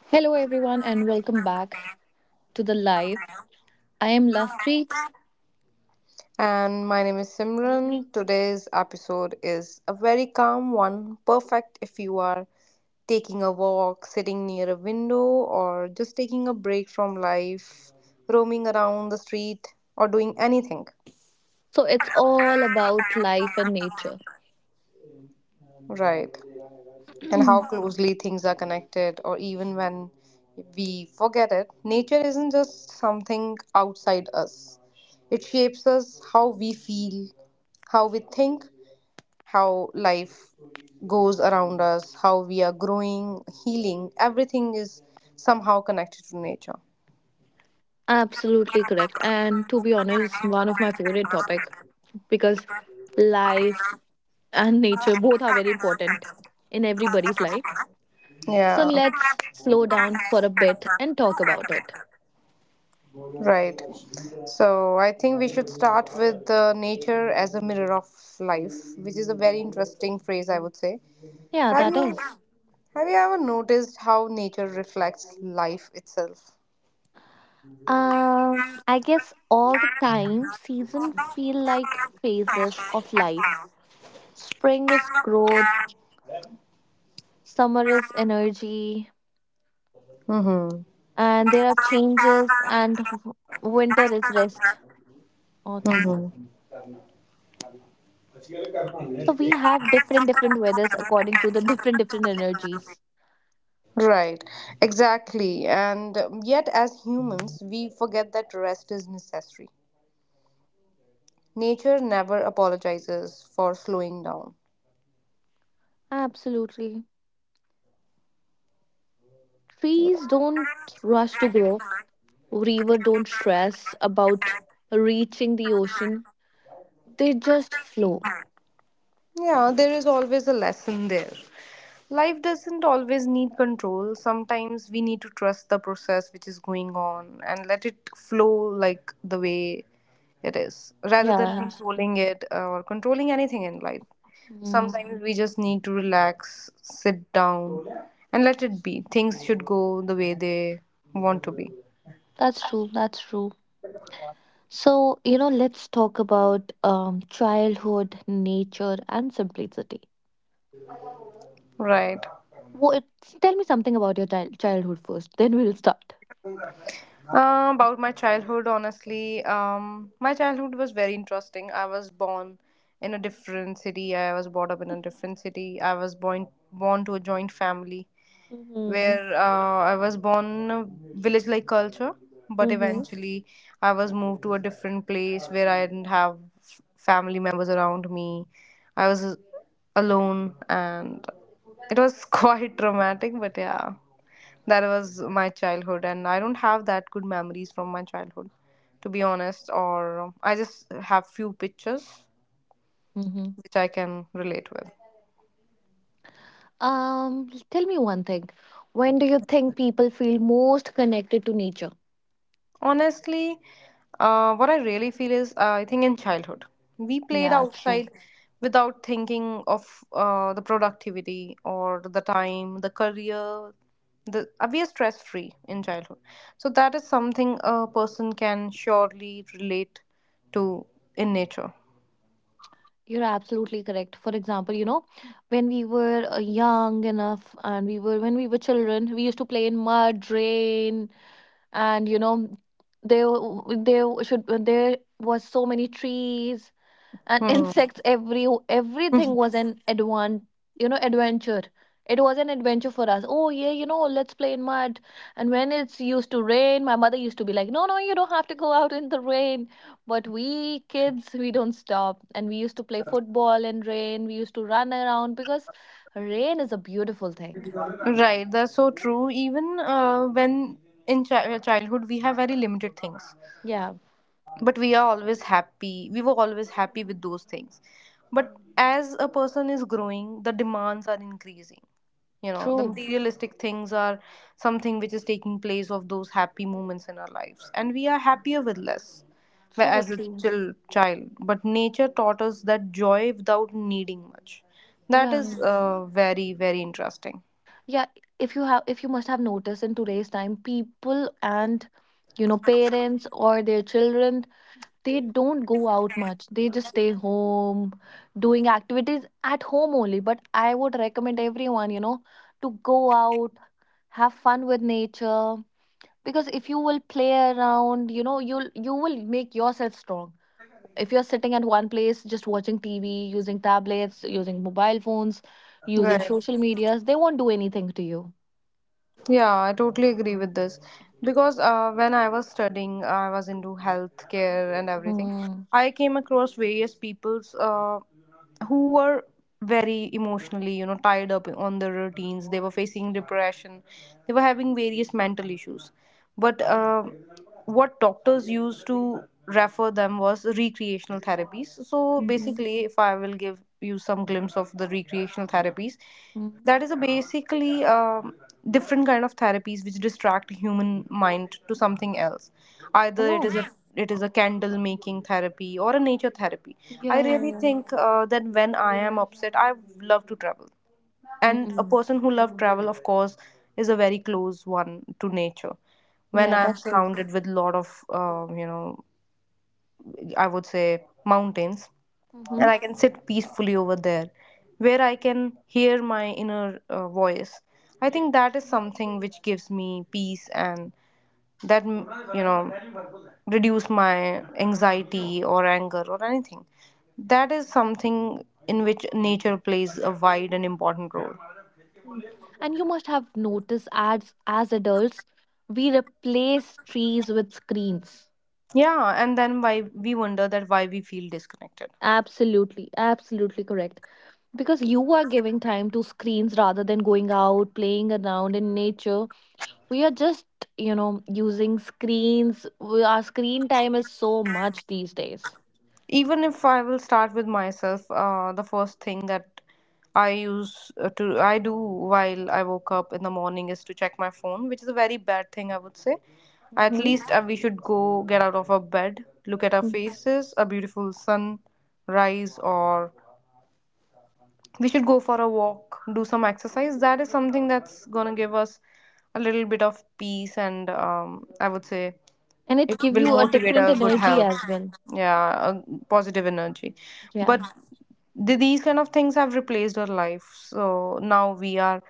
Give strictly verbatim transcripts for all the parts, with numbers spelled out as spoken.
Hello, everyone, and welcome back to the live. I am Lovepreet. And my name is Simran. Today's episode is a very calm one, perfect if you are taking a walk, sitting near a window, or just taking a break from life, roaming around the street, or doing anything. So, it's all about life and nature. Right. And how closely things are connected, or even when we forget it, nature isn't just something outside us. It shapes us how we feel, how we think, how life goes around us, how we are growing, healing. Everything is somehow connected to nature. Absolutely correct. And to be honest, one of my favorite topic, because life and nature both are very important in everybody's life. So, Yeah. let's slow down for a bit and talk about it. Right. So I think we should start with uh, nature as a mirror of life, which is a very interesting phrase, I would say. Yeah, Have that you is. have you ever noticed how nature reflects life itself? Um, I guess all the time season feel like phases of life. Spring is growth, summer is energy, Mm-hmm. and there are changes, and w- winter is rest. Odd. Mm-hmm. So we have different different weathers according to the different different energies. Right, exactly. And um, yet, as humans, we forget that rest is necessary. Nature never apologizes for slowing down. Absolutely. Trees don't rush to grow. River don't stress about reaching the ocean. They just flow. Yeah, there is always a lesson there. Life doesn't always need control. Sometimes we need to trust the process which is going on and let it flow like the way it is rather than, yeah yeah, it's- controlling it or controlling anything in life. mm, Sometimes, mhm, we just need to relax, sit down, and let it be. Things should go the way they want to be. that's true, that's true. So, you know let's talk about um, childhood, nature, and simplicity. Right. What, tell me something about your child childhood first, then we'll start. Uh, about my childhood, honestly, um, my childhood was very interesting. I was born in a different city. I was brought up in a different city. I was born born to a joint family Mhm. where uh, I was born in a village-like culture, but Mhm. eventually I was moved to a different place where I didn't have f- family members around me. I was uh, alone, and it was quite traumatic. But yeah. That was my childhood, and I don't have that good memories from my childhood, to be honest, or um, I just have few pictures Mhm. which I can relate with. Um, tell me one thing. When do you think people feel most connected to nature? Honestly, uh, what I really feel is uh, I think in childhood, we played Yeah, true. outside without thinking of uh, the productivity or the time, the career. The, uh, we are stress free in childhood. So, that is something a person can surely relate to in nature. You're absolutely correct. For example, you know, when we were uh, young enough, and we were when we were children, we used to play in mud, rain, and you know, there w- there should there was so many trees and Hmm. insects. Every everything was an advan you know adventure. It was an adventure for us. Oh yeah, you know let's play in mud. And when it's used to rain, my mother used to be like, "No, no, you don't have to go out in the rain." But we kids, we don't stop, and we used to play football in rain. We used to run around, because rain is a beautiful thing. Right, that's so true. Even uh, when in chi- uh, childhood, we have very limited things, Yeah. but we are always happy. We were always happy with those things. But Mm. as a person is growing, the demands are increasing. You know, the True. materialistic things are something which is taking place of those happy moments in our lives, and we are happier with less wh- So as a true. chil- child. But nature taught us that joy without needing much. That Yeah, is uh, very, very interesting. yeah. If you have if you must have noticed, in today's time, people and you know parents or their children, they don't go out much. They just stay home doing activities at home only. But I would recommend everyone, you know to go out, have fun with nature. Because if you will play around, you know you'll you will make yourself strong. If you're sitting at one place, just watching TV, using tablets, using mobile phones, using Right. social medias, they won't do anything to you. Yeah, I totally agree with this because uh, when I was studying, I was into healthcare and everything. Mm, I came across various people's uh, who were very emotionally, you know, tied up on their routines. They were facing depression. They were having various mental issues. But uh, what doctors used to refer them was recreational therapies. So mhm, basically, if I will give you some glimpse of the recreational therapies, mm. that is a basically um, different kind of therapies which distract human mind to something else, either it is Oh, a it is a candle making therapy or a nature therapy. I yeah, yeah, really yeah. think uh, that when I am upset, I love to travel, and a Mm, person who loves travel of course is a very close one to nature. When yeah, I'm that's true. surrounded with lot of, uh, you know I would say, mountains, Mm-hmm. and I can sit peacefully over there where I can hear my inner uh, voice. I think that is something which gives me peace and that, mm, you know, reduce my anxiety or anger or anything. That is something in which nature plays a wide and important role. Mm. And you must have noticed, as as adults, we replace trees with screens. Yeah, and then why we wonder that why we feel disconnected. Absolutely, absolutely correct. Because you are giving time to screens rather than going out, playing around in nature. We are just, you know, using screens. We, our screen time is so much these days. Even if I will start with myself, uh, the first thing that I use uh, to I do while I woke up in the morning is to check my phone, which is a very bad thing I would say. At Mm-hmm. least uh, we should go get out of our bed, look at our faces a beautiful sunrise, or we should go for a walk, do some exercise. That is something that's gonna give us a little bit of peace and, um, I would say, And it give will you a motivate different a good energy health, as well. yeah, a positive energy. Yeah. But the, these kind of things have replaced our life, so now we are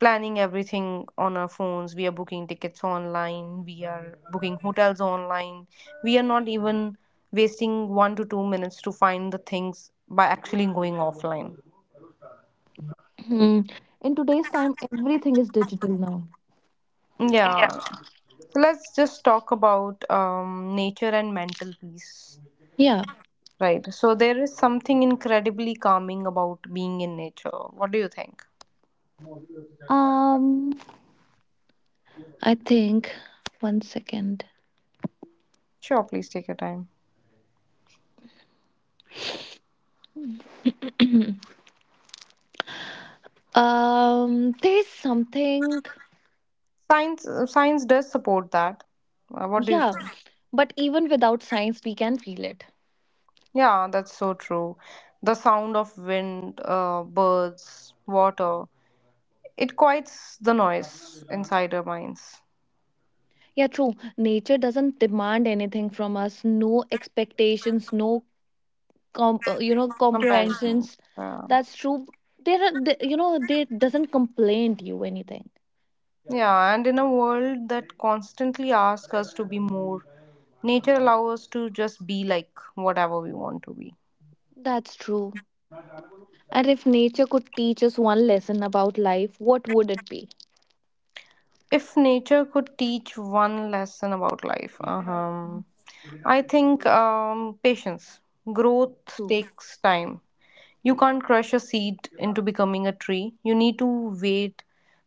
planning everything on our phones, we are booking tickets online, we are booking hotels online, we are not even wasting one to two minutes to find the things by actually going offline. Hmm. In today's time, everything is digital now. Yeah, so let's just talk about um, nature and mental peace. Yeah. Right, so there is something incredibly calming about being in nature. What do you think? Um, I think, one second. Sure, please take your time. Um there's something. Science uh, science does support that. Uh, what do you Yeah, think? but even without science we can feel it. Yeah, that's so true. The sound of wind, uh, birds, water, it quiets the noise inside our minds. Yeah, true. Nature doesn't demand anything from us. No expectations, no com- uh, you know Comparison. comprehensions. Yeah. That's true. There are, they, you know, they doesn't complain to you anything. Yeah, and in a world that constantly asks us to be more, nature allows us to just be like whatever we want to be. That's true. And if nature could teach us one lesson about life, what would it be? If nature could teach one lesson about life, um, I think um, patience. Growth True. takes time. You can't crush a seed into becoming a tree. You need to wait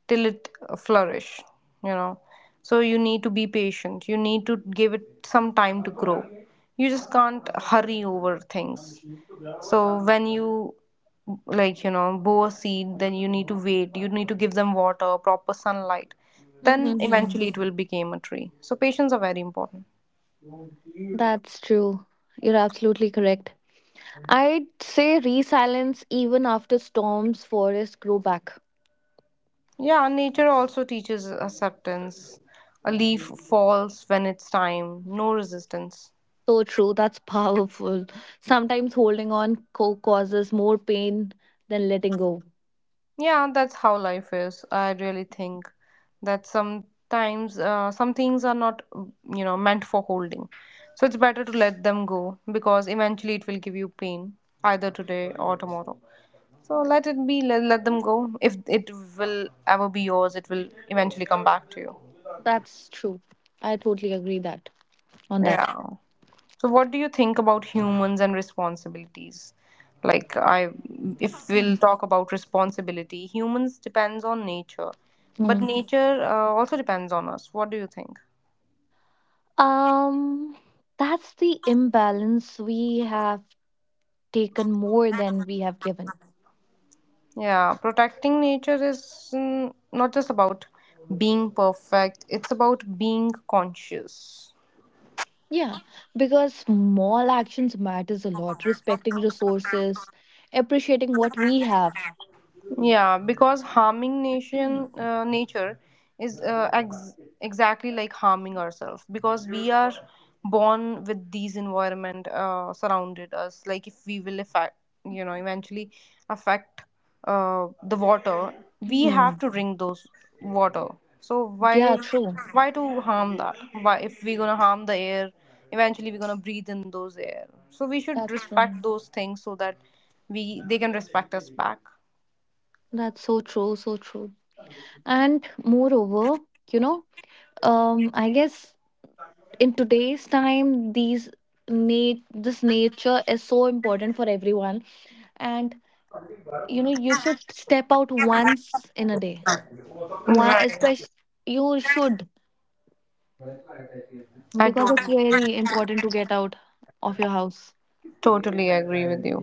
till it uh, flourish, you know. So you need to be patient. You need to give it some time to grow. You just can't hurry over things. So when you, like you know, bow a seed, then you need to wait, you need to give them water, proper sunlight, then Mm-hmm. eventually it will become a tree. So patience are very important. That's true. You're absolutely correct. I'd say resilience, even after storms, forests grow back. Yeah, nature also teaches acceptance. A leaf falls when it's time, no resistance. So true. That's powerful. Sometimes holding on co- causes more pain than letting go. Yeah, that's how life is. I really think that sometimes uh, some things are not, you know, meant for holding. So it's better to let them go because eventually it will give you pain either today or tomorrow. So let it be, let, let them go. If it will ever be yours, it will eventually come back to you. That's true. I totally agree that on that. Yeah. So, what do you think about humans and responsibilities? Like, I, if we'll talk about responsibility, humans depends on nature, but Hmm. nature uh, also depends on us. What do you think? Um, that's the imbalance. We have taken more than we have given. Yeah, protecting nature is, mm, not just about being perfect; it's about being conscious. Yeah, because small actions matters a lot. Respecting resources, appreciating what we have. Yeah, because harming nation uh, nature is uh, ex- exactly like harming ourselves because we are born with these environment uh, surrounded us. Like if we will affect, you know, eventually affect uh, the water, we have Mhm. to drink those water. So why Yeah, true. why to harm that? Why if we're gonna harm the air, eventually we're gonna breathe in those air. So we should That's respect true. those things so that we they can respect us back. That's so true, so true. And moreover, you know, um, I guess in today's time, these nat- this nature is so important for everyone. And you know, you should step out once in a day. One, Right. especially you should. I Because it's totally, very important to get out of your house. Totally agree with you.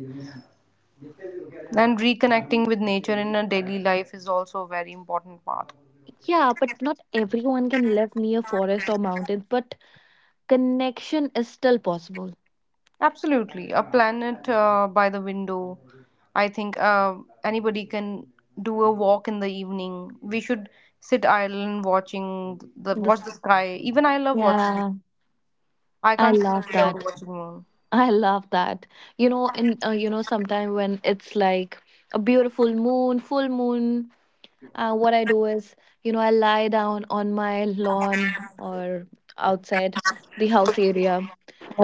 And reconnecting with nature in a daily life is also a very important part. Yeah, but not everyone can live near forest or mountains, but connection is still possible. Absolutely. A planet uh, by the window. I think uh, anybody can do a walk in the evening. We should sit idle and watching the watch This the sky. Even I love watching. Yeah, I I can't sleep love without that. watching moon. I love that. You know, and uh, you know, sometime when it's like a beautiful moon, full moon, uh, what I do is, you know, I lie down on my lawn or outside the house area.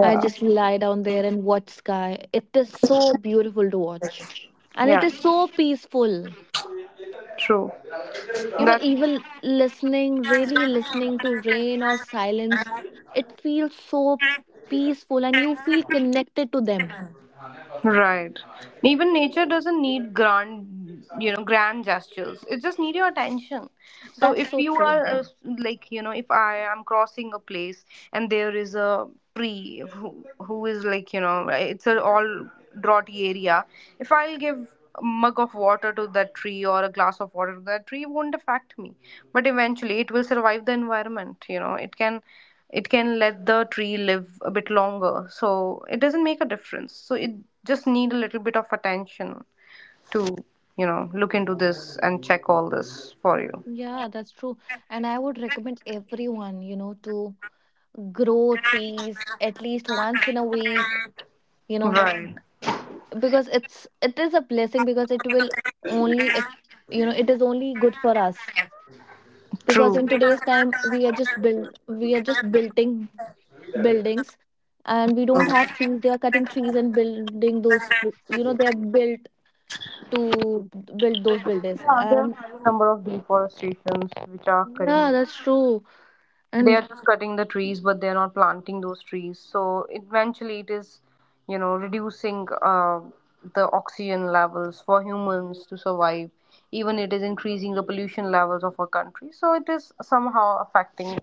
I just lie down there and watch sky. It is so beautiful to watch. And it Yeah, is so peaceful. true. You know, That. even listening, really listening to rain or silence, it feels so peaceful, and you feel connected to them. Right. Even nature doesn't need grand, you know, grand gestures. It just needs your attention. So That's if so you true. are, uh, like, you know, if I am crossing a place and there is a tree who, who is like, you know, it's a all droughty area. If I'll give a mug of water to that tree or a glass of water to that tree, it won't affect me. But eventually, it will survive the environment. You know, it can it can let the tree live a bit longer, so it doesn't make a difference. So it just need a little bit of attention to, you know, look into this and check all this for you. Yeah, that's true. And I would recommend everyone, you know, to grow trees at least once in a week. you know, Right. because it's it is a blessing, because it will, only if, you know it is only good for us. Because True. in today's time, we are just build we are just building buildings, and we don't have trees. They are cutting trees and building those. You know they are built to build those buildings. Yeah, there are And a number of deforestations which are yeah, occurring. that's true. They And are just cutting the trees but they're not planting those trees, so eventually it is, you know, reducing uh, the oxygen levels for humans to survive. Even it is increasing the pollution levels of our country, so it is somehow affecting.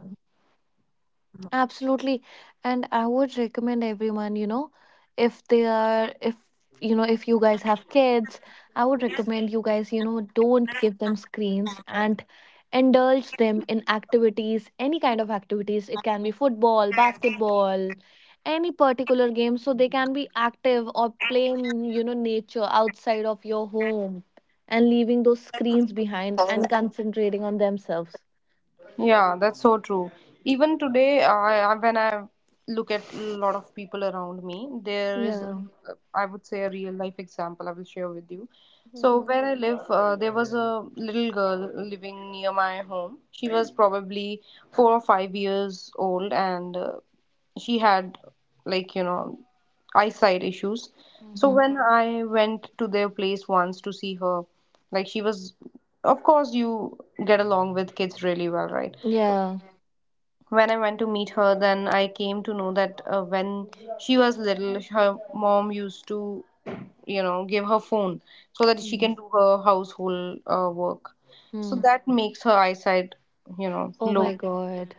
Absolutely. And I would recommend everyone, you know, if they are, if, you know, if you guys have kids, I would recommend you guys, you know, don't give them screens, and indulge them in activities, any kind of activities. It can be football, basketball, any particular game. So they can be active or play in, you know, nature outside of your home, and leaving those screens behind and concentrating on themselves. Yeah, that's so true. Even today, I I- when I look at a lot of people around me, there is, Yeah. uh, I would say, a real life example I will share with you. So Mm-hmm. where I live, uh, there was a little girl living near my home. She was probably four or five years old, and uh, she had, like you know, eyesight issues. So Mm-hmm. when I went to their place once to see her, like she was of course you get along with kids really well, right? Yeah. When I went to meet her, then I came to know that uh, when she was little, her mom used to you know give her phone so that she Mm, can do her household uh, work, so mm. that makes her eyesight you know Oh low, my God.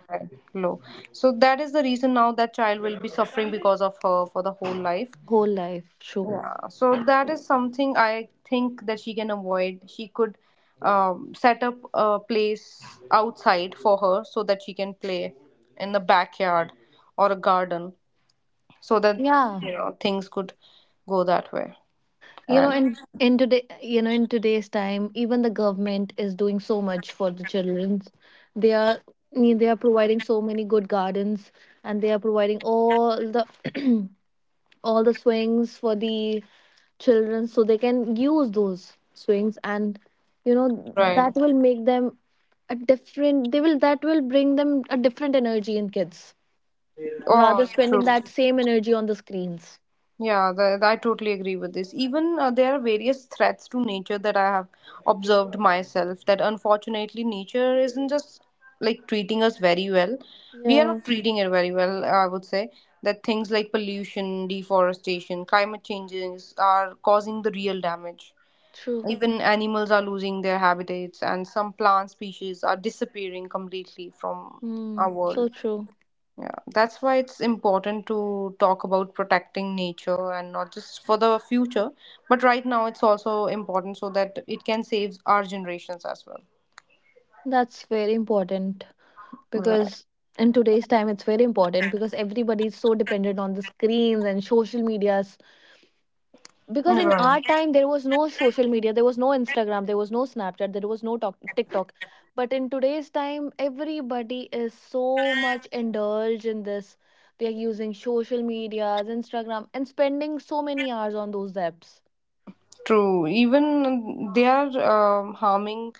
low. So that is the reason now that child will be suffering because of her for the whole life. Whole life. Sure. Yeah, so that is something I think that she can avoid. She could um, set up a place outside for her so that she can play in the backyard or a garden so that Yeah. you know things could go that way. You know, And in in today, you know, In today's time, even the government is doing so much for the children. They are they are providing so many good gardens, and they are providing all the all the swings for the children, so they can use those swings. And you know that right. will make them a different. They will That will bring them a different energy in kids, rather Oh, true. spending that same energy on the screens. Yeah, th- I totally agree with this. Even uh, there are various threats to nature that I have observed myself, that unfortunately nature isn't just like treating us very well. We are Yeah, not treating it very well, I would say. That things like pollution, deforestation, climate changes are causing the real damage. true. Even animals are losing their habitats, and some plant species are disappearing completely from our Mm, world. so true. Yeah, that's why it's important to talk about protecting nature, and not just for the future, but right now it's also important so that it can save our generations as well. That's very important, Right. because in today's time, it's very important, because everybody is so dependent on the screens and social medias. Because in our Right. time, there was no social media, there was no Instagram, there was no Snapchat, there was no Tok- TikTok. But in today's time, everybody is so much indulged in this. They are using social medias, Instagram, and spending so many hours on those apps. True. Even they are um, harming,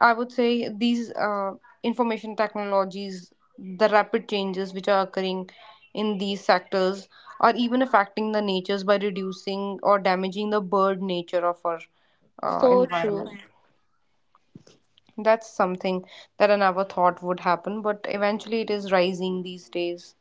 I would say, these uh, information technologies, the rapid changes which are occurring in these sectors are even affecting the natures by reducing or damaging the bird nature of our uh, So true. environment. That's something that I never thought would happen, but eventually it is rising these days.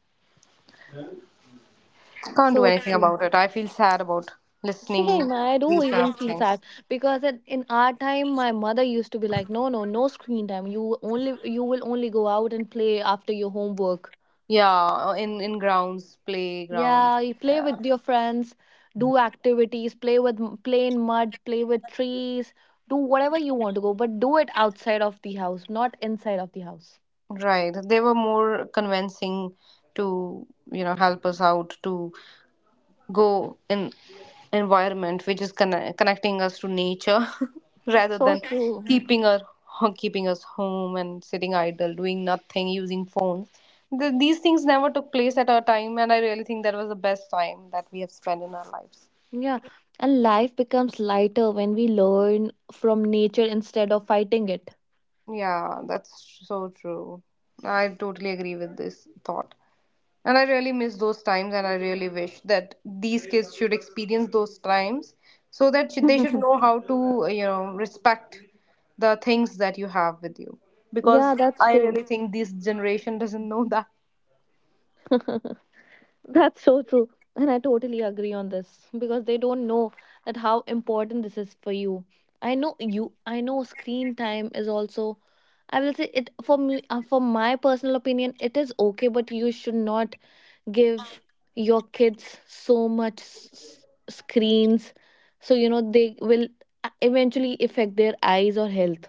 Can't do So anything true. about it. I feel sad about listening to Same. I do these kind even of feel things. sad, because at, in our time, my mother used to be like, "No, no, no screen time. You only you will only go out and play after your homework. Yeah, uh, in in grounds, playgrounds. Yeah, you play Yeah. with your friends, do activities, play with m- play in mud, play with trees, do whatever you want to go, but do it outside of the house, not inside of the house." Right. They were more convincing to, you know, help us out to go in environment which is conne- connecting us to nature rather So than true. keeping our keeping us home and sitting idle doing nothing using phones. Th These things never took place at our time, and I really think that was the best time that we have spent in our lives. Yeah, and life becomes lighter when we learn from nature instead of fighting it. Yeah, that's so true. I totally agree with this thought. And I really miss those times, and I really wish that these kids should experience those times so that sh- they should know how to, you know, respect the things that you have with you. Because Yeah, that's I true. really think this generation doesn't know that. That's so true. And I totally agree on this, because they don't know that how important this is for you. I know you, I know screen time is also, I will say it for me, uh, for my personal opinion, it is okay, but you should not give your kids so much s- screens. So, you know, they will uh, eventually affect their eyes or health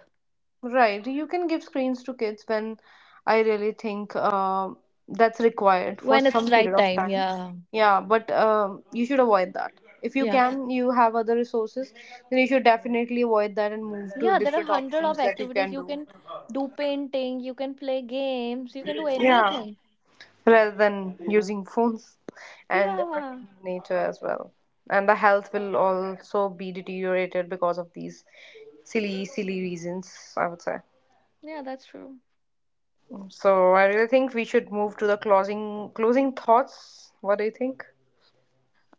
Right, you can give screens to kids when I really think uh, that's required for when some it's period right of time. time. Yeah. Yeah, but um, you should avoid that. If you Yeah. can, you have other resources, then you should definitely avoid that and move to Yeah, there are different hundred of options that you activities. can You do. can do painting, you can play games, you can do Yeah, anything. rather than using phones and Yeah, affecting nature as well, and the health will also be deteriorated because of these silly silly reasons, I would say. yeah, that's true. So I really think we should move to the closing closing thoughts. What do you think?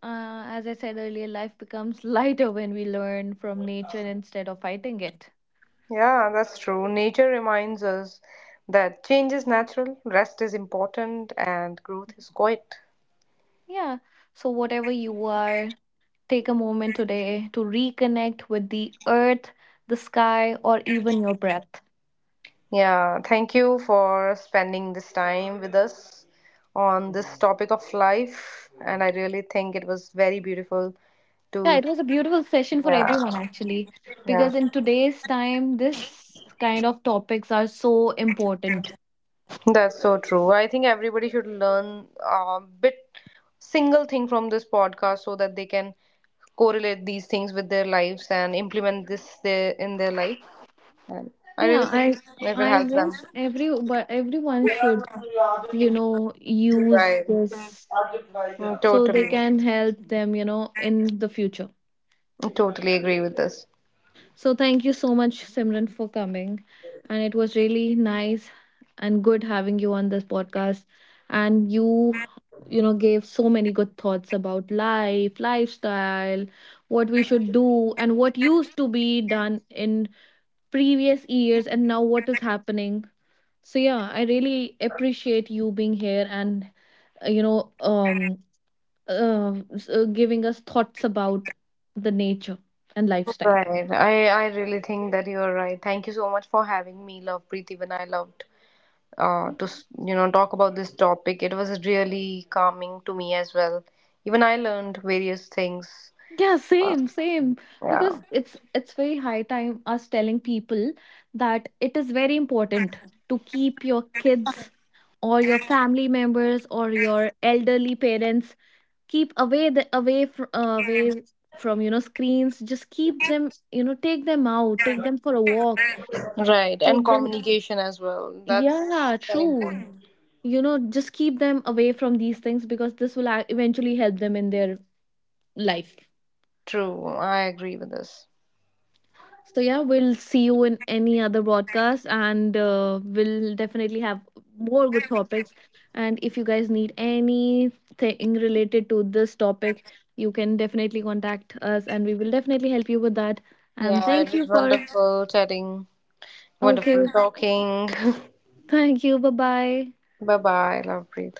Uh, as I said earlier, life becomes lighter when we learn from nature instead of fighting it. Yeah, that's true. Nature reminds us that change is natural, rest is important, and growth is quiet. Yeah, so whatever you are, take a moment today to reconnect with the earth, the sky, or even your breath. Yeah, thank you for spending this time with us on this topic of life. And I really think it was very beautiful Yeah, to, it was a beautiful session for yeah, everyone actually, yeah, because in today's time, this kind of topics are so important. that's so true. I think everybody should learn a bit single thing from this podcast so that they can correlate these things with their lives and implement this their, in their life. And I really Yeah, think I it will I help them. guess every but everyone should, you know, use Right. this Mm, so they totally. can help them, you know, in the future. Totally agree with this. So thank you so much, Simran, for coming. And it was really nice and good having you on this podcast. And you, you know, gave so many good thoughts about life, lifestyle, what we should do, and what used to be done in previous years, and now what is happening. So yeah, I really appreciate you being here, and uh, you know um uh, s- uh, giving us thoughts about the nature and lifestyle. Right. I, I really think that you are right. Thank you so much for having me, Love Preet. Even I loved uh, to s- you know talk about this topic. It was really calming to me as well. Even I learned various things. Yeah, Uh, same same. Because yeah. it's it's very high time us telling people that it is very important to keep your kids or your family members or your elderly parents, keep away the away from away from you know screens. Just keep them, you know take them out, take them for a walk, Right. And take them. communication as well. That's Yeah, very true. important. You know, just keep them away from these things, because this will ac- eventually help them in their life. True. I agree with this. So, yeah, we'll see you in any other broadcast, and uh, we'll definitely have more good topics. And if you guys need anything related to this topic, you can definitely contact us and we will definitely help you with that. And Yeah, it thank you was for. wonderful chatting, wonderful Okay, talking. thank you. Bye bye. Bye bye, Love Preet.